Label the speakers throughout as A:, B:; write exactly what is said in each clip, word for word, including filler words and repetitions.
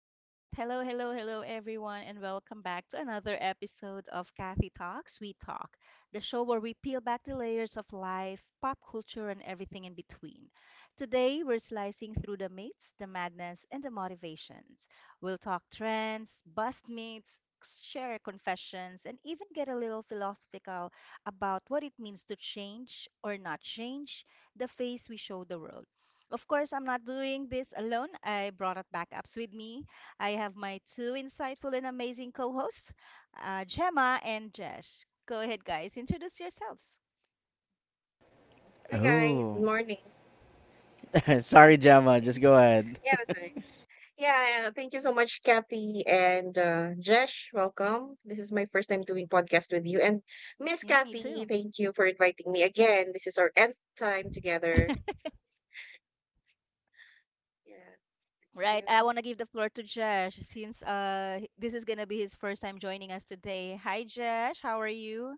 A: All right. Hello, hello, hello, everyone, and welcome back to another episode of Kathy Talks, We Talk, the show where we peel back the layers of life, pop culture, and everything in between. Today, we're slicing through the myths, the madness, and the motivations. We'll talk trends, bust myths, share confessions, and even get a little philosophical about what it means to change or not change the face we show the world. Of course, I'm not doing this alone. I brought up backups with me. I have my two insightful and amazing co hosts, uh, Gemma and Jesh. Go ahead, guys, introduce yourselves.
B: Hi guys, good
C: Oh,
B: morning.
C: sorry, Gemma. Just
A: Mm,
C: go ahead.
B: Yeah, that's right. Yeah, uh, thank you so much, Kathy and uh, Jesh. Welcome. This is my first time doing podcast with you, and Miss
A: yeah, me
B: Kathy,
A: too.
B: thank you for inviting me again. This is our nth time together. Yeah, thank
A: Right, I
B: you.
A: want to give the floor to Jesh since uh, h- this is going to be his first time joining us today. Hi, Jesh, how are you?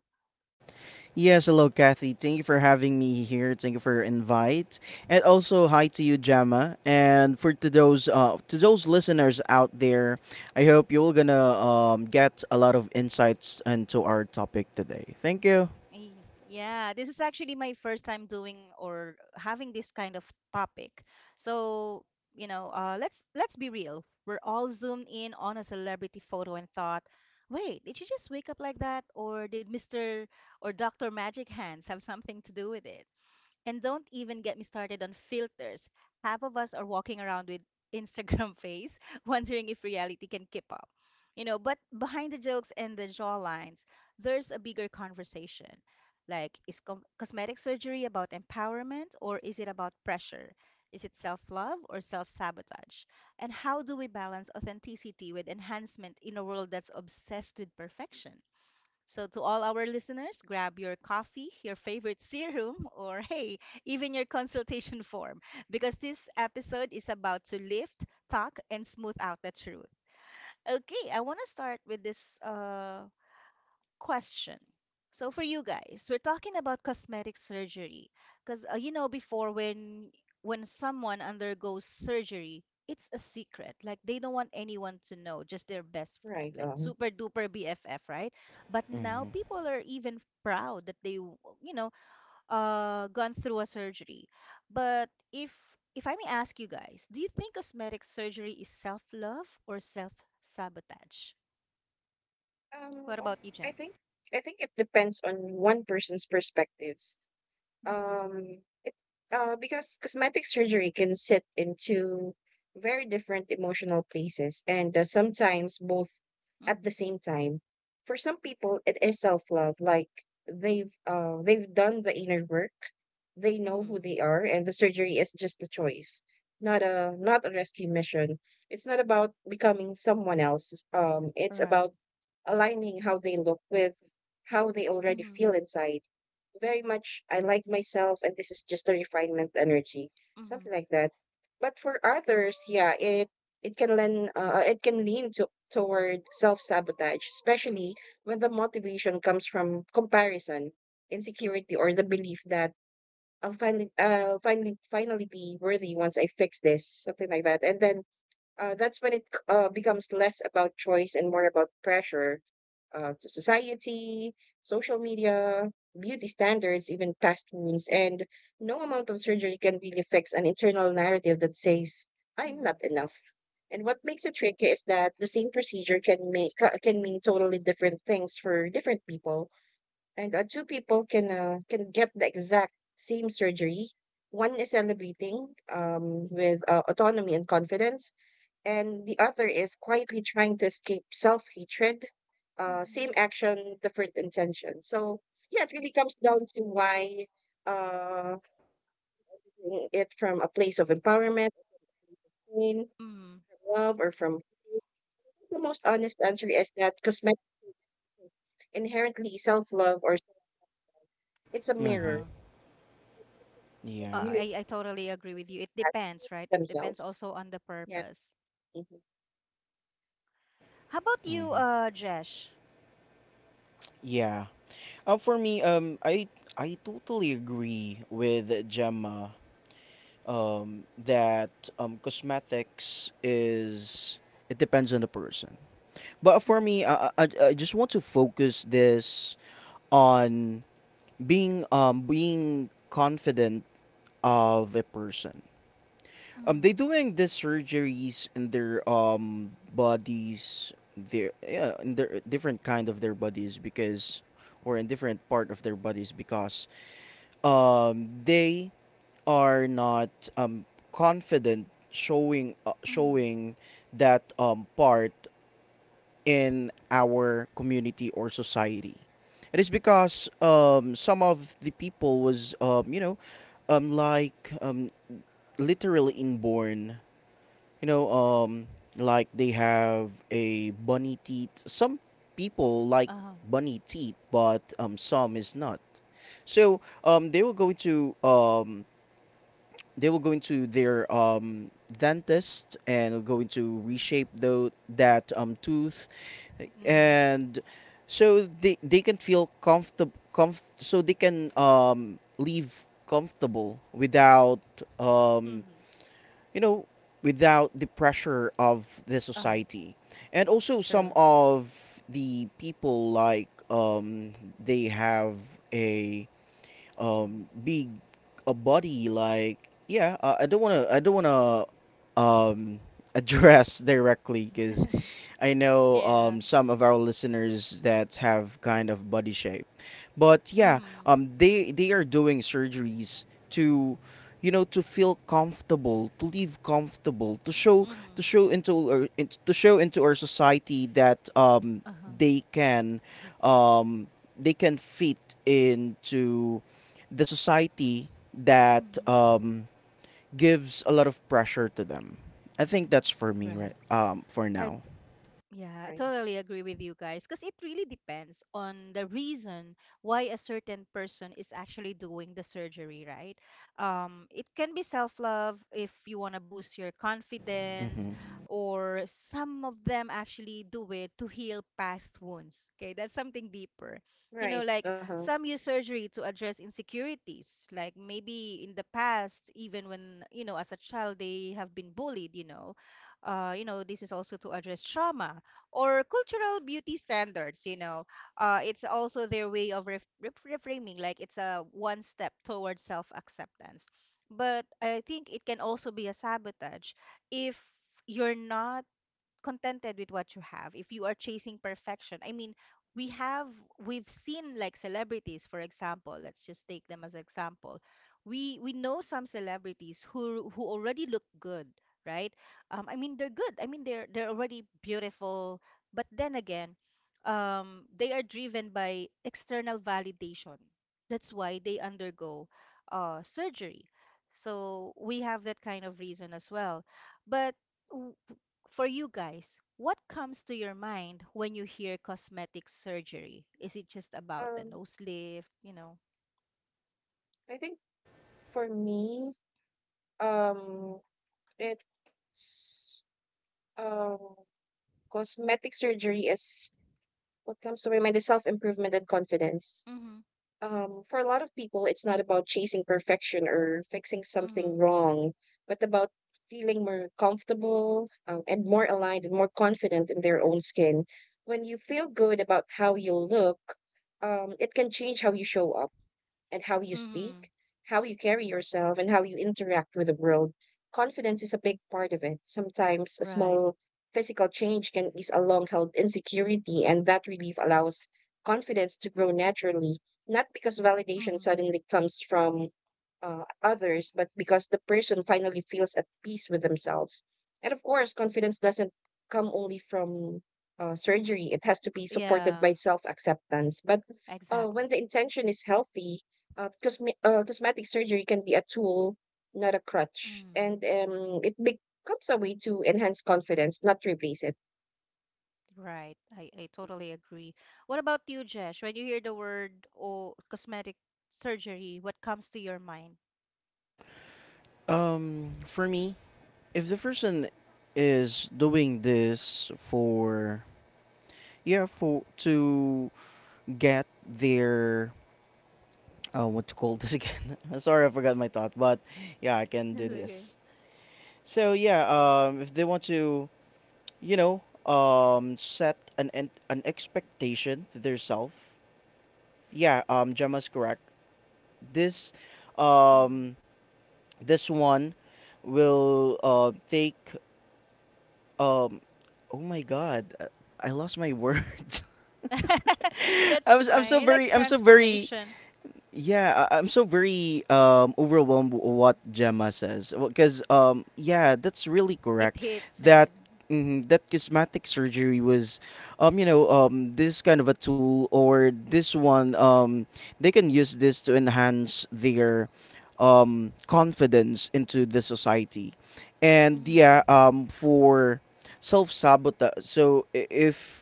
C: Yes, hello, Kathy. Thank you for having me here. Thank you for your invite, and also hi to you, Gemma. And for to those uh, to those listeners out there, I hope you're gonna um, get a lot of insights into our topic today. Thank you.
A: Eh, yeah, this is actually my first time doing or having this kind of topic. So, you know, uh, let's let's be real. We're all zoomed in on a celebrity photo and thought, wait, did she just wake up like that, or did mister or doctor Magic Hands have something to do with it? And don't even get me started on filters. Half of us are walking around with Instagram face, wondering if reality can keep up. You know, but behind the jokes and the jawlines, there's a bigger conversation. Like, is com- cosmetic surgery about empowerment or is it about pressure? Is it self love or self sabotage? And how do we balance authenticity with enhancement in a world that's obsessed with perfection? So, to all our listeners, grab your coffee, your favorite serum, or hey, even your consultation form, because this episode is about to lift, talk, and smooth out the truth. Okay, I want to start with this uh, question. So for you guys, we're talking about cosmetic surgery because uh, you know, before when when someone undergoes surgery, it's a secret. Like they don't want anyone to know, just their best friend,
B: Right
A: like
B: on.
A: super duper B F F, right? But now
C: Mhm.
A: people are even proud that they, w- you know, uh, gone through a surgery. But if if I may ask you guys, do you think cosmetic surgery is self-love or self-sabotage? What
B: um,
A: about you,
B: I
A: Jim?
B: think I think it depends on one person's perspectives.
A: Mm-hmm.
B: Um, it, uh, because cosmetic surgery can sit into very different emotional places, and uh, sometimes both at the same time. For some people, it is self-love, like they've uh, they've done the inner work, they know who
A: Mhm.
B: they are, and the surgery is just a choice, not a not a rescue mission. It's not about becoming someone else. Um, it's
A: Right.
B: about aligning how they look with how they already feel
A: Mhm.
B: inside. Very much I like myself, and this is just a refinement energy, something
A: Mhm.
B: like that. But for others, yeah, it it can lend uh, it can lean to, toward self-sabotage, especially when the motivation comes from comparison, insecurity, or the belief that I'll finally I'll finally finally be worthy once I fix this, something like that. And then uh, that's when it uh, becomes less about choice and more about pressure, uh, to society, social media, beauty standards, even past wounds. And no amount of surgery can really fix an internal narrative that says, I'm not
A: Mhm.
B: enough. And what makes it tricky is that the same procedure can make ca- can mean totally different things for different people, and uh, two people can uh, can get the exact same surgery. One is celebrating um, with uh, autonomy and confidence, and the other is quietly trying to escape self hatred. Uh,
A: Mhm.
B: same action, different intention. So yeah, it really comes down to why. uh, Doing it from a place of empowerment, pain,
A: Mm.
B: from love, or from the most honest answer is that cosmetic inherently self love, or it's a mirror
C: Mhm.
A: Uh,
B: of the
A: uh,
C: Yeah.
B: relationship
A: I I totally agree with you. It
B: has
A: depends, right? It depends
B: themselves.
A: also on the
B: Yeah.
A: purpose.
B: Hmm.
A: How about you, uh, Jesh?
C: Yeah. Uh, for me, um, I I totally agree with Gemma um, that um, cosmetics is it depends on the person. But for me,
A: Mhm.
C: I, I, I just want to focus this on being um, being confident of a person. Um, they
A: Mhm.
C: doing these surgeries in their um bodies, their yeah, in their different kind of their bodies because, or in different part of their bodies because um they are not um, confident showing uh,
A: Mhm.
C: showing that um, part in our community or society. It is because um, some of the people was um, you know um, like um, literally inborn. You know um, like they have a bunny teeth. Some people like
A: Um,
C: bunny teeth, but um, some is not. So um, they will go to um, they will go into their um, dentist and will go into reshape
A: mhm.
C: tho- that um, tooth
A: Mhm.
C: and so they, they can feel comfortable comf- so they can um, live comfortable without um,
A: Mhm.
C: you know without the pressure of the
A: uh,
C: society and also some
A: true.
C: of the people like um, they have a
A: Mhm.
C: um big a body like yeah uh, I don't want to I don't want to um address directly because I know
A: Yeah.
C: um some of our listeners that have kind of body shape but yeah
A: Mhm.
C: um they they are doing surgeries to you know to feel comfortable to live comfortable to show to
A: Mhm.
C: show into our, in- to show into our society that um
A: Uh-huh.
C: they can um they can fit into the society that
A: Mhm.
C: um, gives a lot of pressure to them. I think that's for me,
A: Right.
C: right? Um, for now.
A: It's. Yeah, I
B: Right.
A: totally agree with you guys because it really depends on the reason why a certain person is actually doing the surgery, right? Um, it can be self-love if you want to boost your confidence,
C: Hmm.
A: or some of them actually do it to heal past wounds. Okay, that's something deeper. You know,
B: Right.
A: like
B: Uh huh.
A: some use surgery to address insecurities, like maybe in the past, even when, you know, as a child, they have been bullied. You know, uh, you know, this is also to address trauma or cultural beauty standards. You know, uh, it's also their way of ref- ref- reframing. Like it's a one step towards self-acceptance, but I think it can also be a sabotage if you're not contented with what you have, if you are chasing perfection. I mean, we have we've seen like celebrities. For example, let's just take them as example. We we know some celebrities who who already look good, right? Um, I mean they're good. I mean they're they're already beautiful, but then again, um, they are driven by external validation. That's why they undergo uh, surgery, so we have that kind of reason as well. But w- for you guys, what comes to your mind when you hear cosmetic surgery? Is it just about the
B: Um,
A: nose lift, you know?
B: I think. For me, um, it's um, cosmetic surgery is, what comes to my mind is self improvement and confidence.
A: Mm-hmm.
B: Um, for a lot of people, it's not about chasing perfection or fixing something
A: Mm-hmm.
B: wrong, but about feeling more comfortable, um, and more aligned and more confident in their own skin. When you feel good about how you look, um, it can change how you show up and how you
A: Mm-hmm.
B: speak, how you carry yourself, and how you interact with the world. Confidence is a big part of it. Sometimes a
A: Right.
B: small physical change can ease a long held insecurity, and that relief allows confidence to grow naturally, not because validation
A: Mm-hmm.
B: suddenly comes from uh, others, but because the person finally feels at peace with themselves. And of course, confidence doesn't come only from uh, surgery, it has to be supported
A: Yeah,
B: by self acceptance. But uh,
A: exactly.
B: when the intention is healthy, uh, cosme uh, cosmetic surgery can be a tool, not a crutch,
A: Mm-hmm.
B: and um, it becomes a way to enhance confidence, not replace it.
A: Right. I, I totally agree. What about you, Jesh? When you hear the word, oh, cosmetic surgery, what comes to your mind?
C: Um, for me, if the person is doing this for yeah for to get their uh, what to call this again? Sorry, I forgot my thought, but yeah, I can do
A: That's okay.
C: this. So yeah, um, if they want to, you know, um, set an an, an expectation to their self. Yeah, um, Gemma's correct. This,
A: Mm.
C: um, this one will uh, take. Um, oh my God, uh, I lost my words. I
A: That's
C: was. I'm so
A: fine. Like
C: very. I'm so very.
A: transformation,
C: Yeah, I- I'm so very um, overwhelmed with what Gemma says because um, yeah, that's really
A: it
C: correct.
A: hits.
C: That
A: Right.
C: mhm, that cosmetic surgery was, um, you know, um, this kind of a tool or this one, um, they can use this to enhance their um, confidence into the society, and yeah,
A: Mm-hmm.
C: um, for self sabotage. So i- if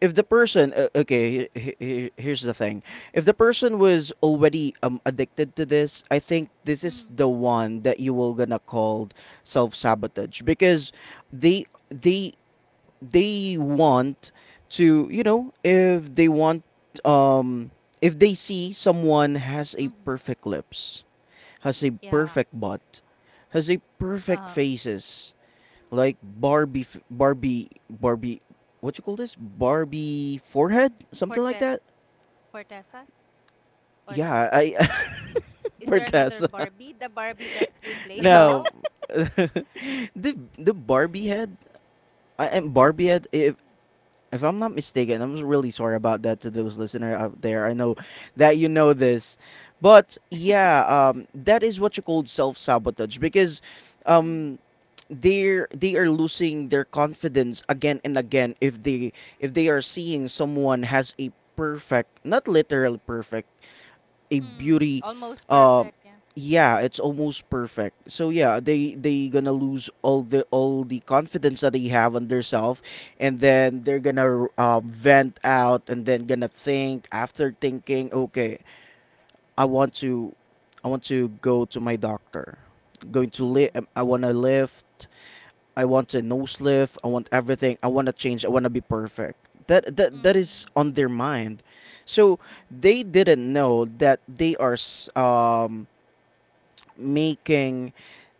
C: if the person uh, okay he- he- here's the thing if the person was already um addicted to this, I think this is
A: Mm-hmm.
C: the one that you will gonna call self-sabotage because they they they want to, you know, if they want um if they see someone has a perfect lips, has a
A: Yeah.
C: perfect butt, has a perfect
A: Uh-huh.
C: faces like Barbie, f- Barbie, Barbie. What you call this? Barbie forehead, something like
A: Forte.
C: that.
A: Fortessa, or no?
C: Yeah, I
A: Is
C: for
A: there another
C: Tessa.
A: Barbie? The Barbie that we play.
B: The
C: No,
B: doll
C: the the Barbie head. I am Barbie head. If if I'm not mistaken, I'm really sorry about that to those listener out there. I know that you know this, but yeah, um, that is what you call self sabotage because
A: Mm.
C: um, they're they are losing their confidence again and again if they if they are seeing someone has a perfect, not literally perfect, a
A: Mm.
C: beauty
A: Almost
C: um,
A: perfect, yeah.
C: yeah it's almost perfect. So yeah, they they gonna lose all the all the confidence that they have on theirself, and then they're gonna um vent out and then gonna think after thinking, okay, i want to I want to go to my doctor going to live
A: Mhm.
C: I want to lift. I want a no lift. I want everything. I want to change. I want to be perfect. That that that is
A: Mhm.
C: on their mind. So
A: Mhm.
C: they didn't know that they are s- um making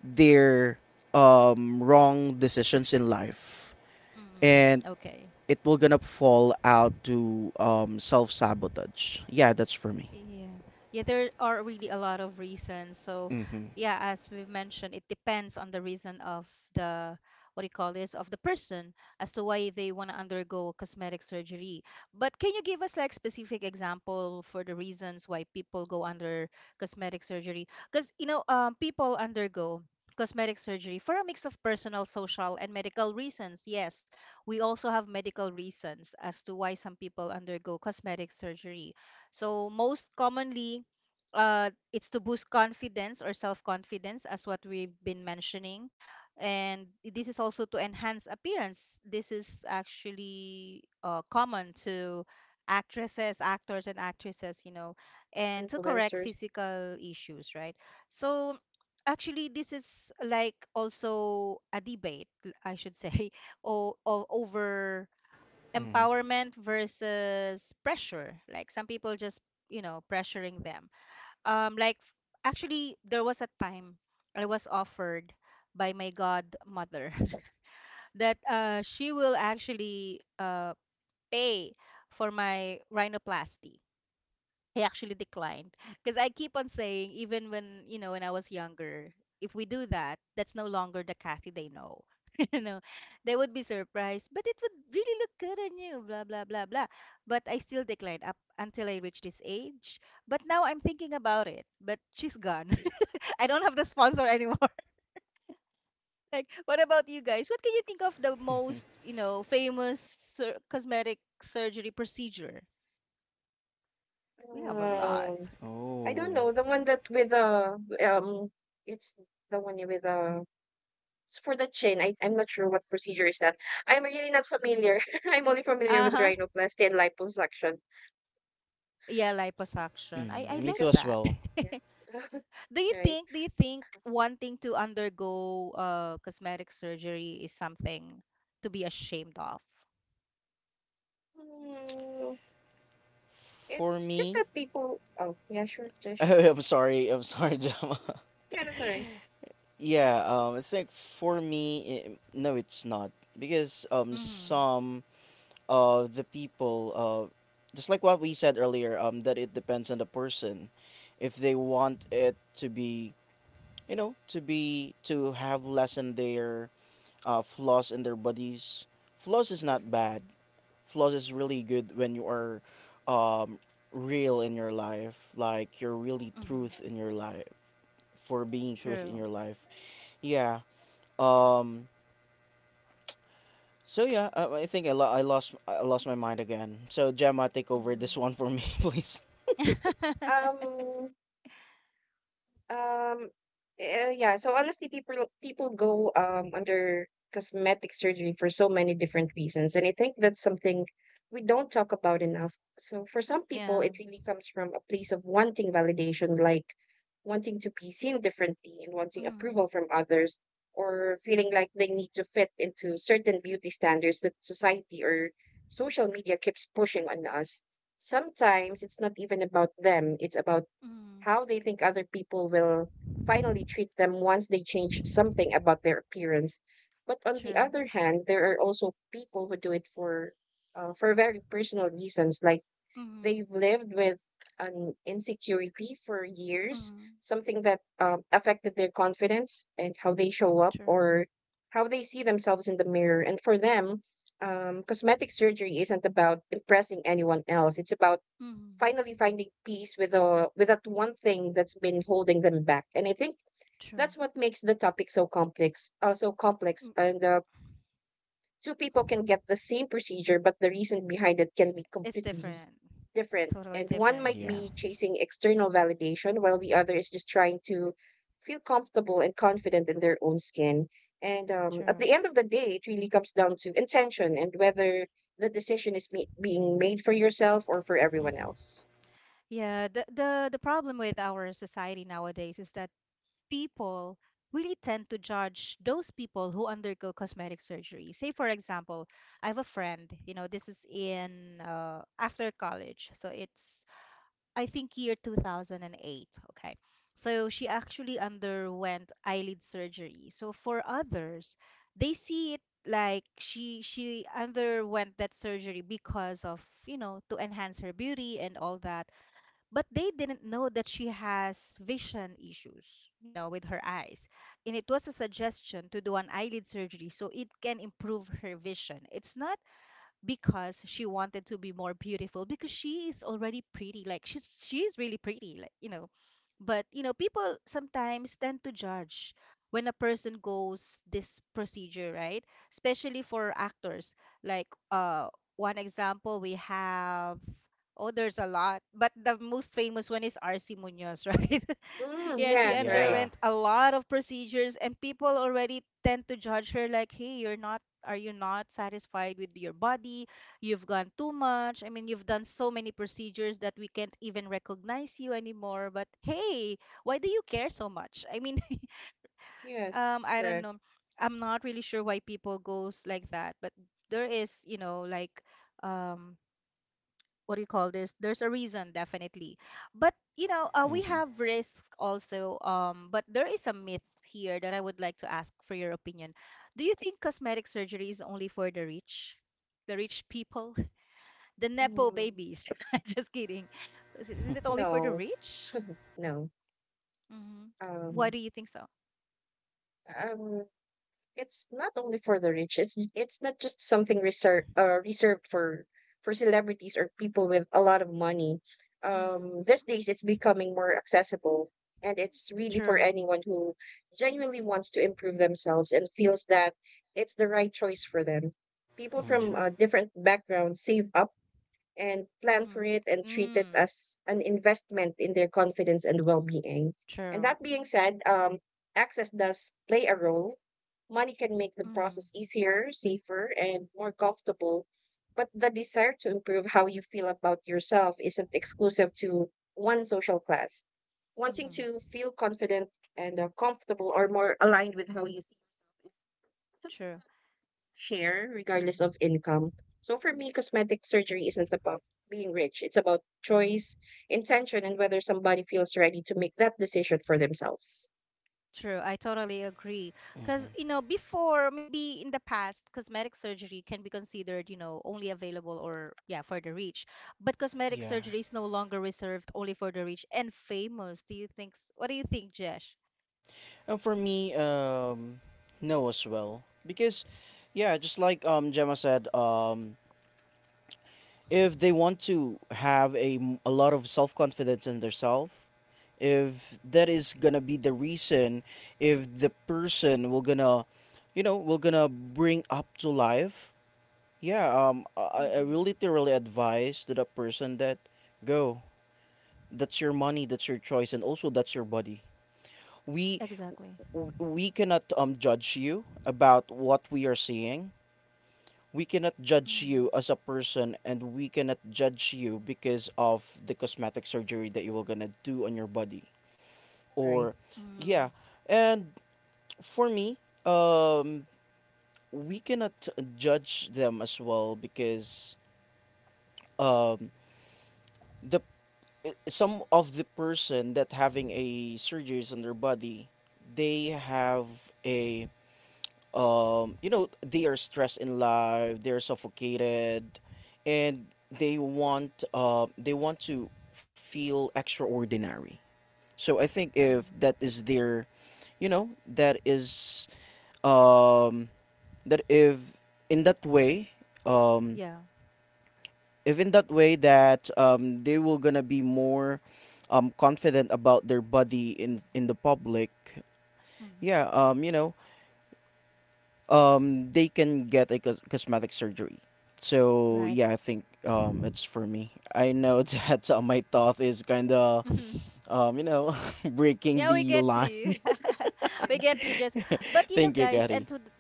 C: their um wrong decisions in life,
A: Mm.
C: and
A: Okay.
C: it will gonna fall out to um self sabotage. Yeah, that's for me.
A: Yeah. Yeah, there are really a lot of reasons. So,
C: Mm-hmm.
A: yeah, as we've mentioned, it depends on the reason of the, what do you call this, of the person as to why they want to undergo cosmetic surgery. But can you give us like specific example for the reasons why people go under cosmetic surgery? Because, you know, um, people undergo cosmetic surgery for a mix of personal, social, and medical reasons. Yes, we also have medical reasons as to why some people undergo cosmetic surgery. So most commonly, uh, it's to boost confidence or self-confidence, as what we've been mentioning. And this is also to enhance appearance. This is actually uh, common to actresses, actors, and actresses, you know, and
B: from
A: to correct
B: influencers.
A: physical issues, right? So actually, this is like also a debate, I should say, or, or over
C: Mm-hmm.
A: empowerment versus pressure. Like some people just, you know, pressuring them. Um, like f- actually, there was a time I was offered by my godmother that uh, she will actually uh, pay for my rhinoplasty. He actually declined because I keep on saying, even when, you know, when I was younger, if we do that, that's no longer the Kathy they know. You know, they would be surprised, but it would really look good on you, blah blah blah blah. But I still declined up until I reached this age. But now I'm thinking about it. But she's gone. I don't have the sponsor anymore. Like, what about you guys? What can you think of the most, you know, famous sur- cosmetic surgery procedure? We have a lot.
B: um, I don't
C: Oh.
B: know, the one that with the um, it's the one with the, it's for the chin. I I'm not sure what procedure is that. I'm really not familiar. I'm only familiar
A: Uh
B: with
A: huh.
B: rhinoplasty and liposuction.
A: Yeah, liposuction.
C: Mm,
A: I I
B: Yeah,
C: me
A: like
C: too as
B: because
A: that.
C: well.
B: yeah,
A: Do you
B: right.
A: think, do you think wanting to undergo uh, cosmetic surgery is something to be ashamed of?
B: Hmm.
C: For
B: It's just
C: me,
B: that people, oh, yeah, sure, Josh.
C: I'm sorry. I'm sorry, Jama.
B: Yeah, that's all right.
C: Yeah, um, I think for me, I no, it's not because um,
A: Mm-hmm.
C: some of the people, uh, just like what we said earlier, um, that it depends on the person, if they want it to be, you know, to be to have less in their uh, flaws in their bodies. Flaws is not bad. Flaws is really good when you are, um, real in your life, like you're really
A: Mm-hmm.
C: truth in your life for being truth in
A: True.
C: your life. Yeah. Um. So yeah, I, I think I, lo- I lost I lost my mind again. So Gemma, take over
A: Mm-hmm.
C: this one for me, please.
B: Um, Um, eh, yeah, so honestly, people people go um under cosmetic surgery for so many different reasons, and I think that's something we don't talk about enough. So for some people,
A: Yeah.
B: it really comes from a place of wanting validation, like wanting to be seen differently and wanting
A: Mm-hmm.
B: approval from others, or feeling like they need to fit into certain beauty standards that society or social media keeps pushing on us. Sometimes it's not even about them, it's about
A: Mm-hmm.
B: how they think other people will finally treat them once they change something about their appearance. But on the
A: True.
B: other hand, there are also people who do it for uh, for very personal reasons, like
A: Mm-hmm.
B: they've lived with an insecurity for years,
A: Mm-hmm.
B: something that um, affected their confidence and how they show up
A: True.
B: or how they see themselves in the mirror. And for them, um, cosmetic surgery isn't about impressing anyone else. It's about
A: Mm-hmm.
B: finally finding peace with a with that one thing that's been holding them back. And I think
A: True.
B: that's what makes the topic so complex, uh, so complex
A: Mm,
B: and uh, two people can get the same procedure, but the reason behind it can be
A: it's
B: completely
A: different.
B: different.
A: Totally
B: And one
A: different.
B: might
C: Yeah.
A: Yeah.
B: be chasing external validation, while the other is just trying to feel comfortable and confident in their own skin. And um, at
A: True.
B: the end of the day, it really comes down to intention and whether the decision is me- being made for yourself or for everyone
C: Mm-hmm.
B: else.
A: Yeah, the the the problem with our society nowadays is that people really tend to judge those people who undergo cosmetic surgery. Say, for example, I have a friend, you know, this is in uh, after college. So it's, I think, year two thousand eight. Okay. So she actually underwent eyelid surgery. So for others, they see it like she she underwent that surgery because of, you know, to enhance her beauty and all that, but they didn't know that she has vision issues, you know, with her eyes. And it was a suggestion to do an eyelid surgery so it can improve her vision. It's not because she wanted to be more beautiful, because she is already pretty. Like she's she is really pretty, like, you know. But, you know, people sometimes tend to judge when a person goes this procedure, right? Especially for actors. Like uh one example we have oh, there's a lot. But the most famous one is R C Munoz, right?
B: Mm,
A: Yeah, she
B: yeah, right.
C: Yeah.
A: underwent a lot of procedures and people already tend to judge her like, "Hey, you're not, are you not satisfied with your body? You've gone too much. I mean, you've done so many procedures that we can't even recognize you anymore." But hey, why do you care so much? I mean,
B: Yes,
A: um, I don't
B: correct.
A: know. I'm not really sure why people goes like that, but there is, you know, like, um, what do you call this? There's a reason, definitely. But you know, uh, we
C: Mm-hmm.
A: have risks also. Um, but there is a myth here that I would like to ask for your opinion. Do you think cosmetic surgery is only for the rich, the rich people, the nepo
B: Mm,
A: babies? Just kidding. Is it is it only for the
B: no,
A: rich?
B: no.
A: Mm-hmm. Why
B: Um,
A: do you think so?
B: um, It's not only for the rich. It's it's not just something reserved uh, reserved for for celebrities or people with a lot of money.
A: Mm-hmm.
B: Um, these days it's becoming more accessible, and it's really for
A: True.
B: anyone who genuinely wants to improve themselves and feels that it's the right choice for them. People
C: Mm-hmm.
B: from uh,
A: True.
B: different backgrounds save up and plan
A: Mm-hmm.
B: for it and treat it
A: Mm.
B: as an investment in their confidence and well-being. And
A: True.
B: that being said, um, access does play a role. Money can make the
A: Mm-hmm.
B: process easier, safer, and more comfortable, but the desire to improve how you feel about yourself isn't exclusive to one social class. Wanting to
A: Mm-hmm.
B: feel confident and uh, comfortable or more aligned with how you see yourself is something
A: True.
B: share
A: Mm.
B: regardless of income. So for me, cosmetic surgery isn't about being rich. It's about choice, intention, and whether somebody feels ready to make that decision for themselves.
A: True, I totally agree. Because, you know, before, maybe in the past, cosmetic surgery can be considered, you know, only available or, yeah, for the rich. But cosmetic
C: Yeah.
A: surgery is no longer reserved only for the rich and famous. Do you think, s- what do you think, Jesh?
C: And for me, um, no as well because, yeah, just like um Gemma said, um, if they want to have a m- a lot of self confidence in themselves, if that is gonna be the reason, if the person will gonna, you know, will gonna bring up to life. Yeah, um, I, I will
A: Mm-hmm.
C: literally advise to that person that go. That's your money. That's your choice, and also that's your body. We
A: Exactly.
C: w- we cannot um judge you about what we are seeing. We cannot judge
A: Mm-hmm.
C: you as a person, and we cannot judge you because of the cosmetic surgery that you were gonna do on your body.
B: Right.
C: Or,
A: Mm-hmm.
C: yeah, and for me, um, we cannot judge them as well because um the some of the person that having a surgeries on their body they have a um you know they are stressed in life, they're suffocated, and they want uh they want to feel extraordinary. So I think if that is their, you know, that is um that if in that way um
A: Yeah.
C: even that way that um, they will gonna be more um, confident about their body in in the public. Yeah,
A: Mm-hmm.
C: um, you know um, they can get a cos- cosmetic surgery. So
A: Mm-hmm.
C: yeah, I think um, it's for me. I know that uh, my thought is kind of
A: Right.
C: um, you know breaking
A: Yeah, we
C: the
A: get
C: line.
A: you. We
B: Yes.
A: get you just. But you know,
C: Thank you,
A: guys,
C: Gary.
A: and to th-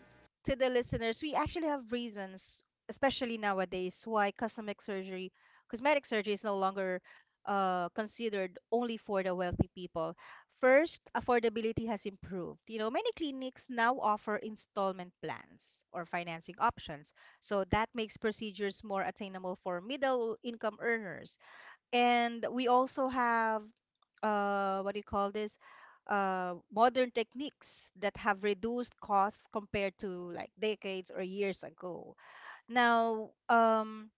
A: to the listeners, we actually have reasons, especially nowadays, why cosmetic surgery, cosmetic surgery is no longer uh, considered only for the wealthy people. First, affordability has improved. You know, many clinics now offer installment plans or financing options, so that makes procedures more attainable for middle income earners. And we also have uh, what do you call this? Uh, modern techniques that have reduced costs compared to like decades or years ago. Now, um,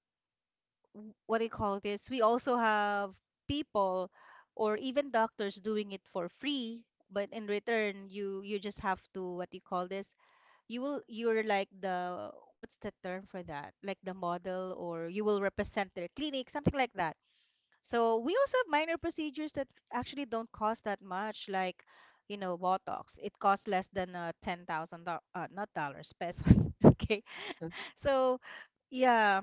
A: w- what do you call this? We also have people or even doctors doing it for free, but in return, you you just have to what do you call this? You will you're like the what's the term for that? Like the model, or you will represent their clinic, something like that. So we also have minor procedures that actually don't cost that much, like, you know, Botox. It costs less than uh, ten thousand uh, not dollars, pesos. Okay, so yeah,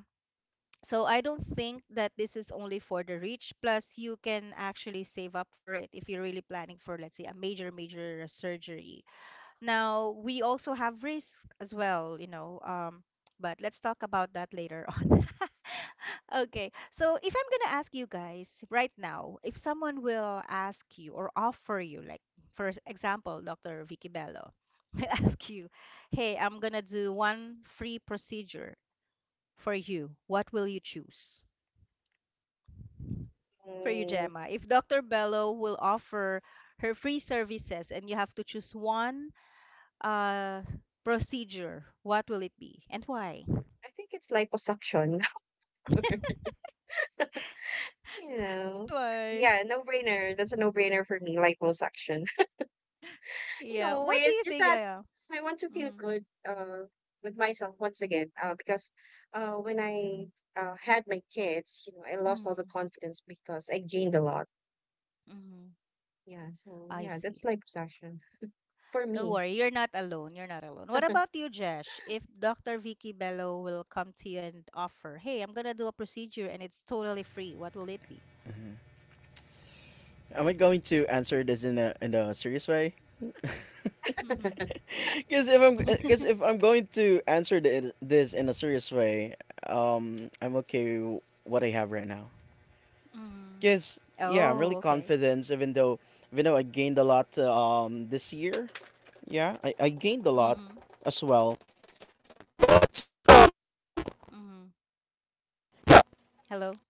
A: so I don't think that this is only for the rich. Plus, you can actually save up for it if you're really planning for, let's say, a major, major uh, surgery. Now, we also have risks as well, you know, um, but let's talk about that later. Okay. So if I'm gonna ask you guys right now, if someone will ask you or offer you, like for example, doctor Vicky Bello will ask you, "Hey, I'm gonna do one free procedure for you. What will you choose?" For you,
B: Mm,
A: Gemma, if doctor Bello will offer her free services and you have to choose one uh procedure, what will it be and why?
B: I think it's liposuction. You know,
A: Why?
B: yeah, no brainer. That's a no brainer for me, liposuction. You
A: Yeah.
B: know,
A: What do
B: it's
A: you
B: just
A: think?
B: that
A: Yeah.
B: I want to feel
A: Mm-hmm.
B: good uh, with myself once again uh, because uh, when I uh, had my kids, you know, I lost all the
A: Mm-hmm.
B: confidence because I gained a lot.
A: Mm-hmm.
B: Yeah, so
A: I
B: yeah, that's
A: see.
B: like obsession for
A: Don't
B: me.
A: worry, you're not alone. You're not alone. What about you, Jesh? If doctor Vicky Bello will come to you and offer, "Hey, I'm gonna do a procedure and it's totally free," what will it be?
C: Am I going to answer this in a in a serious way?
A: Mm-hmm.
C: Because if I'm because if I'm going to answer the, this in a serious way, um, I'm okay with what I have right now.
A: Mm.
C: Because yeah, I'm really
A: Oh, okay.
C: confident. Even though even though I gained a lot uh, um this year, yeah, I, I gained a lot
A: Mm-hmm.
C: as well.
A: Mm-hmm. Hello.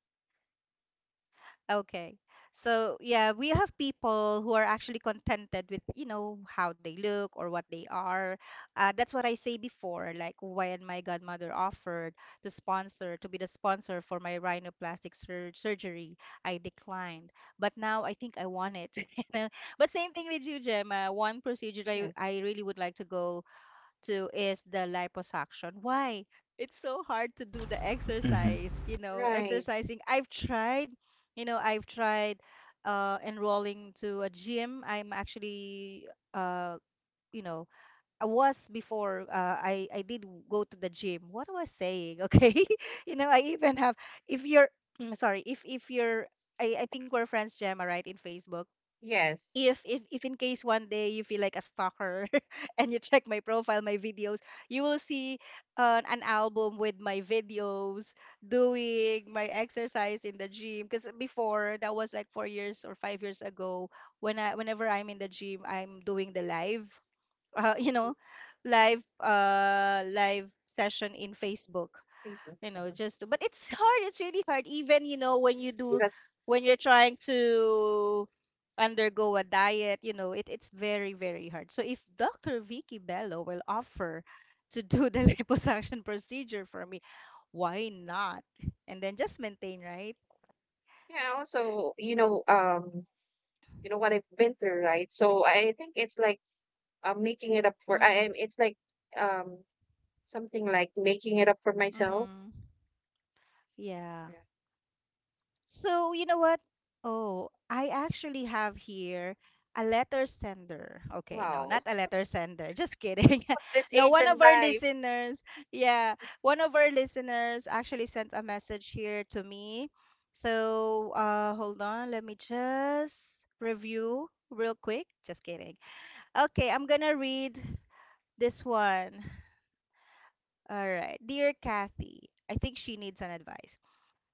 A: Okay. So yeah, we have people who are actually contented with, you know, how they look or what they are. Uh, that's what I say before, like when my godmother offered to sponsor, to be the sponsor for my rhinoplastic sur surgery, I declined. But now I think I want it. You know? But same thing with you, Gemma. One procedure I,
B: Yes.
A: I really would like to go to is the liposuction. Why? It's so hard to do the
C: Mm-hmm.
A: exercise, you know,
B: Right.
A: exercising. I've tried, you know, I've tried uh enrolling to a gym. I'm actually uh you know, I was before uh, I I did go to the gym. What was I saying? Okay. You know, I even have if you're sorry, if if you're I, I think we're friends, Gemma, right, in Facebook
B: Yes.
A: if if if in case one day you feel like a stalker and you check my profile, my videos, you will see uh, an album with my videos doing my exercise in the gym. Because before that was like four years or five years ago. When I whenever I'm in the gym, I'm doing the live, uh, you
B: Mhm.
A: know, live uh live session in Facebook.
B: Facebook.
A: You know
B: Uh-huh.
A: just But it's hard, it's really hard, even, you know, when you do
B: That's
A: when you're trying to undergo a diet, you know, it, it's very very hard. So if Dr. Vicky Bello will offer to do the liposuction procedure for me, why not? And then just maintain, right?
B: yeah, also, you know, um, you know what I've been through, right? So I think it's like uh, making it up for I
A: Mm-hmm.
B: am, it's like um something like making it up for myself.
A: Mm-hmm. Yeah.
B: Yeah.
A: So, you know what? Oh, I actually have here a letter sender. Okay, no, not
B: Wow.
A: a letter sender. Just kidding.
B: This
A: No,
B: age
A: one of
B: and
A: our
B: time.
A: listeners, yeah, one of our listeners actually sent a message here to me. So, uh, hold on. Let me just review real quick. Just kidding. Okay, I'm gonna read this one. All right. Dear Kathy, I think she needs an advice.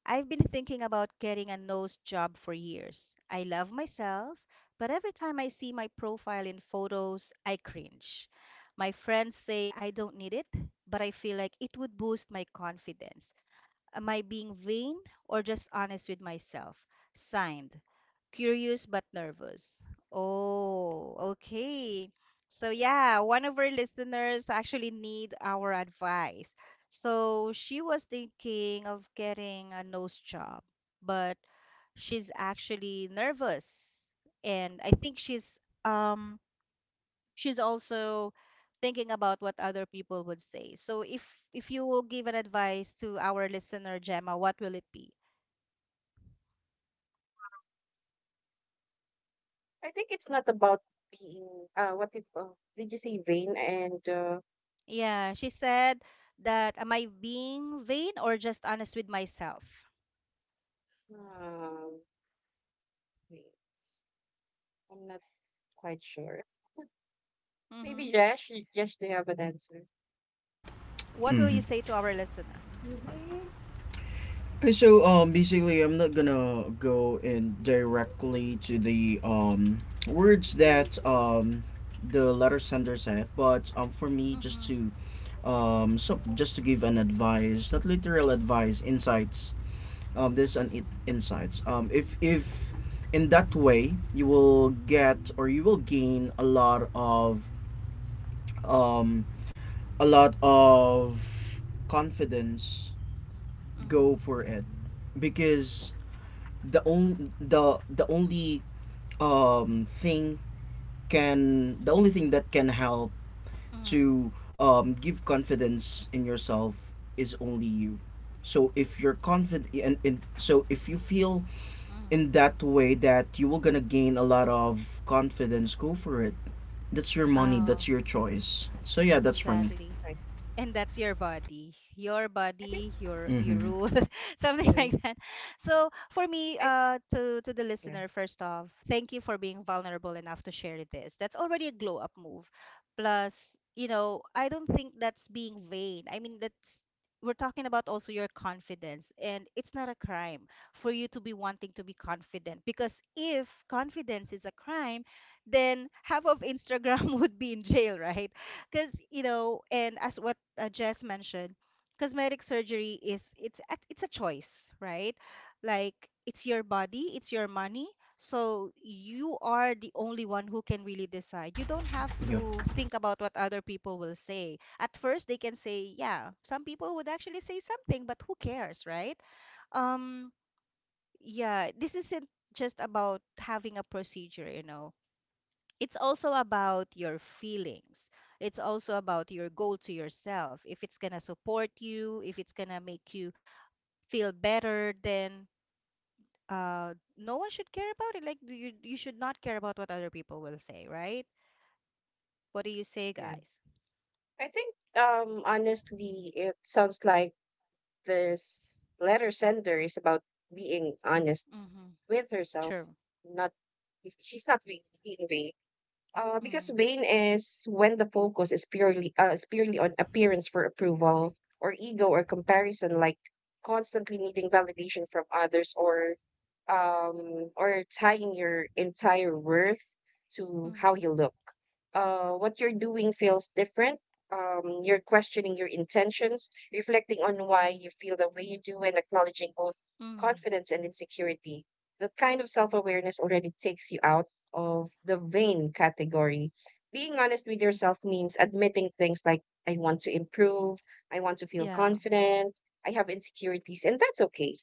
A: I've been thinking about getting a nose job for years. I love myself, but every time I see my profile in photos, I cringe. My friends say I don't need it, but I feel like it would boost my confidence. Am I being vain or just honest with myself? Signed, curious but nervous. Oh, okay. So, yeah, one of our listeners actually need our advice. So, she was thinking of getting a nose job, but she's actually nervous. And I think she's um she's also thinking about what other people would say. So if if you will give an advice to our listener Gemma, what will it be?
B: I think it's not about being uh what did uh, did you say vain and uh
A: Yeah, she said that am I being vain or just honest with myself?
B: um wait, I'm not quite sure.
A: Mm-hmm.
B: Maybe Jesh, Jesh, do you have an answer?
A: What will
C: Mm-hmm.
A: you say to our listener?
C: Okay, so um, basically, I'm not gonna go in directly to the um words that um the letter sender said, but um for me just
A: Mm-hmm.
C: to um so just to give an advice, not literal advice, insights. Um, this an it
A: Mm-hmm.
C: insights. Um, if if in that way you will get or you will gain a lot of um a lot of confidence, go
A: Mm-hmm.
C: for it. Because the only the the only um thing can the only thing that can help
A: Mm-hmm.
C: to um give confidence in yourself is only you. So if you're confident, and, and so if you feel
A: Mm-hmm.
C: in that way that you will gonna gain a lot of confidence, go for it. That's your money.
A: Oh,
C: That's your choice. So yeah, that's for me.
A: exactly.
B: Right.
A: And that's your body, your
B: I think.
A: body your your
C: Mm-hmm.
A: rule, something
B: Mm-hmm.
A: like that. So for me,
B: I,
A: uh to to the
B: yeah,
A: listener, first off, thank you for being vulnerable enough to share this. That's already a glow up move. Plus, you know, I don't think that's being vain. I mean, that's we're talking about also your confidence, and it's not a crime for you to be wanting to be confident, because if confidence is a crime, then half of Instagram would be in jail, right? Because, you know, and as what uh, Jess mentioned, cosmetic surgery is it's a- it's a choice, right? Like, it's your body, it's your money, so you are the only one who can really decide. You don't have
C: Yep.
A: to think about what other people will say. At first they can say, yeah, some people would actually say something, but who cares, right? Um, yeah, this isn't just about having a procedure, you know, it's also about your feelings. It's also about your goal to yourself. If it's gonna support you, if it's gonna make you feel better, then uh, no one should care about it. Like you, you should not care about what other people will say, right? What do you say,
B: yeah.
A: guys?
B: I think, um, honestly, it sounds like this letter sender is about being honest
A: Mm-hmm.
B: with herself.
A: True.
B: Not, she's not being being vain. Uh, because
A: Mm-hmm.
B: vain is when the focus is purely uh, is purely on appearance for approval or ego or comparison, like constantly needing validation from others, or um or tying your entire worth to how
A: Mm-hmm.
B: you look. Uh, what you're doing feels different. Um, you're questioning your intentions, reflecting on why you feel the way you do, and acknowledging both
A: Mm-hmm.
B: confidence and insecurity. That kind of self awareness already takes you out of the vain category. Being honest with yourself means admitting things like, I want to improve, I want to feel
A: Yeah.
B: confident, I have insecurities, and that's okay.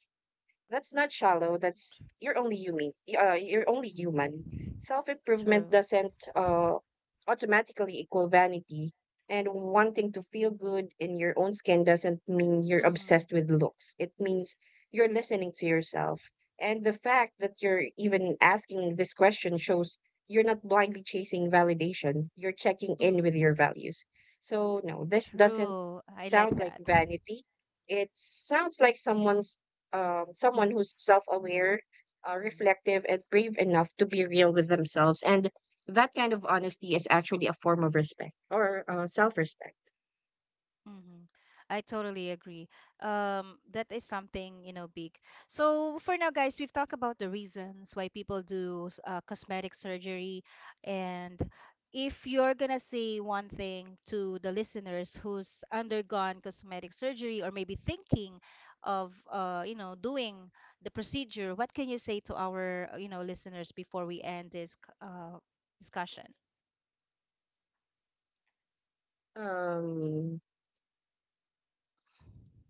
B: That's not shallow. That's You're only human. Y- Uh, you're only human. Self
A: Tr-
B: improvement
A: True.
B: doesn't uh, automatically equal vanity, and wanting to feel good in your own skin doesn't mean you're
A: Mm-hmm.
B: obsessed with looks. It means you're listening to yourself, and the fact that you're even asking this question shows you're not blindly chasing validation. You're checking in
A: Mm-hmm.
B: with your values. So no, this doesn't
A: True. I like
B: sound like
A: that.
B: vanity. It sounds like someone's um, someone who's self-aware, uh,
A: Mm.
B: reflective, and brave enough to be real with themselves. And that kind of honesty is actually a form of respect, or uh, self-respect.
A: Mm-hmm. I totally agree. Um, that is something, you know, big. So for now, guys, we've talked about the reasons why people do s- uh, cosmetic surgery, and if you're gonna say one thing to the listeners who's undergone cosmetic surgery or maybe thinking of, uh, you know, doing the procedure, what can you say to our, uh, you know, listeners before we end this c- uh, discussion?
B: Um,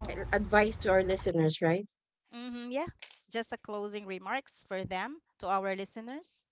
B: a- Advice to our listeners, right?
A: Mm-hmm, yeah, just a closing remarks for them to our listeners.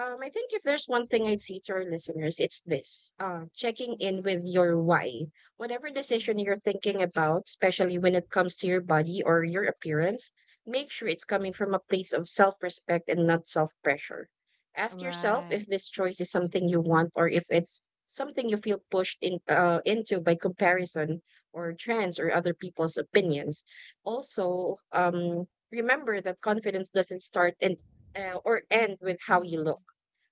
B: Um, I think if there's one thing I'd say to our listeners, it's this, uh, checking in
A: Mm-hmm,
B: with your why. Whatever decision
A: mm-hmm,
B: you're thinking about, especially when it comes to your body or your appearance, make sure it's coming from a place of self respect and not self pressure. Ask yourself
A: right.
B: if this choice is something you want, or if it's something you feel pushed in, uh, into by comparison or trends or other people's opinions. Also, um, remember that confidence doesn't start and uh, or end with how you
A: Mm-hmm,
B: look.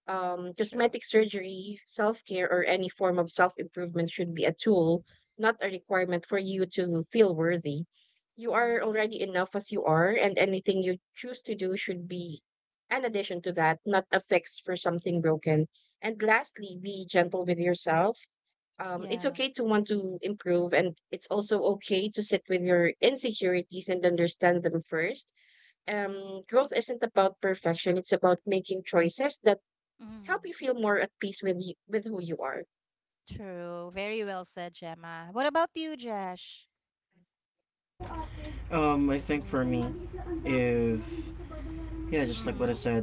B: um,
A: true.
B: Cosmetic surgery, self care, or any form of self improvement should be a tool, not a requirement for you to feel worthy. You are
A: Mm,
B: already enough as you are, and anything you choose to do should be an addition to that, not a fix for something broken. And lastly, be gentle with yourself. Um, it's
A: yeah.
B: okay to want to improve, and it's also okay to sit with your insecurities and understand them first. Um, growth isn't about perfection, it's about making choices that help you
A: Mm,
B: feel more at peace with you, with who you are.
A: true. Very well said, Gemma. What about you, Jesh?
C: Um, I think for me, if yeah, just like what I
A: Mm-hmm,
C: said,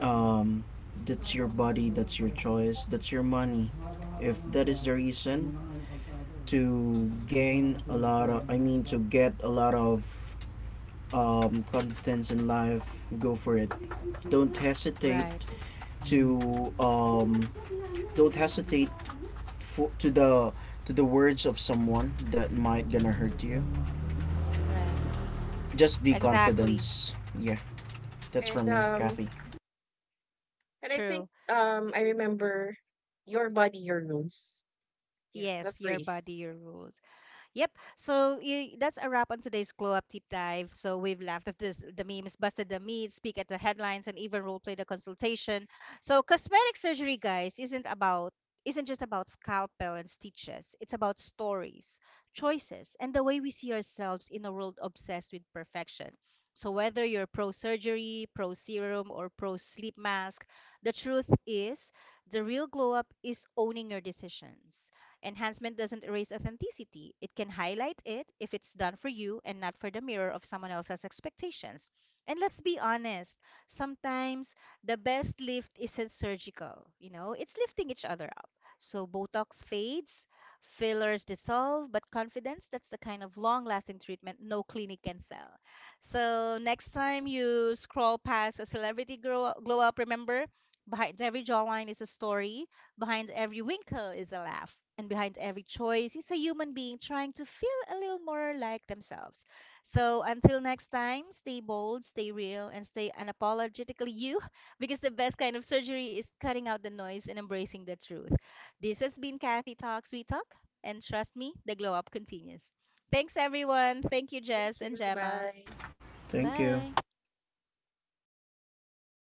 C: um, that's your body, that's your choice, that's your money. If that is the reason to
A: mm-hmm,
C: gain a lot of, I mean, to get a lot of um, confidence in life, go for it. Don't hesitate
A: right.
C: to, um, don't
A: Mm-hmm,
C: hesitate for, to the to the words of someone that might gonna hurt you.
A: right.
C: Just be
A: Exactly.
C: confident. Yeah, that's for
B: And
C: me,
B: um
C: Kathy.
B: and I think
A: True.
B: um I remember, your body your rules. Yeah, the
A: Yes, your
B: phrase.
A: body, your rules. Yep. So y- that's a wrap on today's glow up deep dive. So we've laughed at this, the memes, busted the meat, speak at the headlines, and even role play the consultation. So cosmetic surgery, guys, isn't about isn't just about scalpel and stitches. It's about stories, choices, and the way we see ourselves in a world obsessed with perfection. So whether you're pro surgery, pro serum, or pro sleep mask, the truth is the real glow up is owning your decisions. Enhancement doesn't erase authenticity, it can highlight it if it's done for you and not for the mirror of someone else's expectations. And let's be honest, sometimes the best lift isn't surgical, you know, it's lifting each other up. So Botox fades, fillers dissolve, but confidence, that's the kind of long lasting treatment no clinic can sell. So next time you scroll past a celebrity grow, glow up, remember, behind every jawline is a story. Behind every wrinkle is a laugh, and behind every choice is a human being trying to feel a little more like themselves. So until next time, stay bold, stay real, and stay unapologetically you, because the best kind of surgery is cutting out the noise and embracing the truth. This has been Kathy Talks We Talk, and trust me, the glow up continues. Thanks, everyone. Thank you,
B: Thank
A: Jess and
B: you.
A: Gemma.
B: Bye.
C: Thank you.
A: Bye.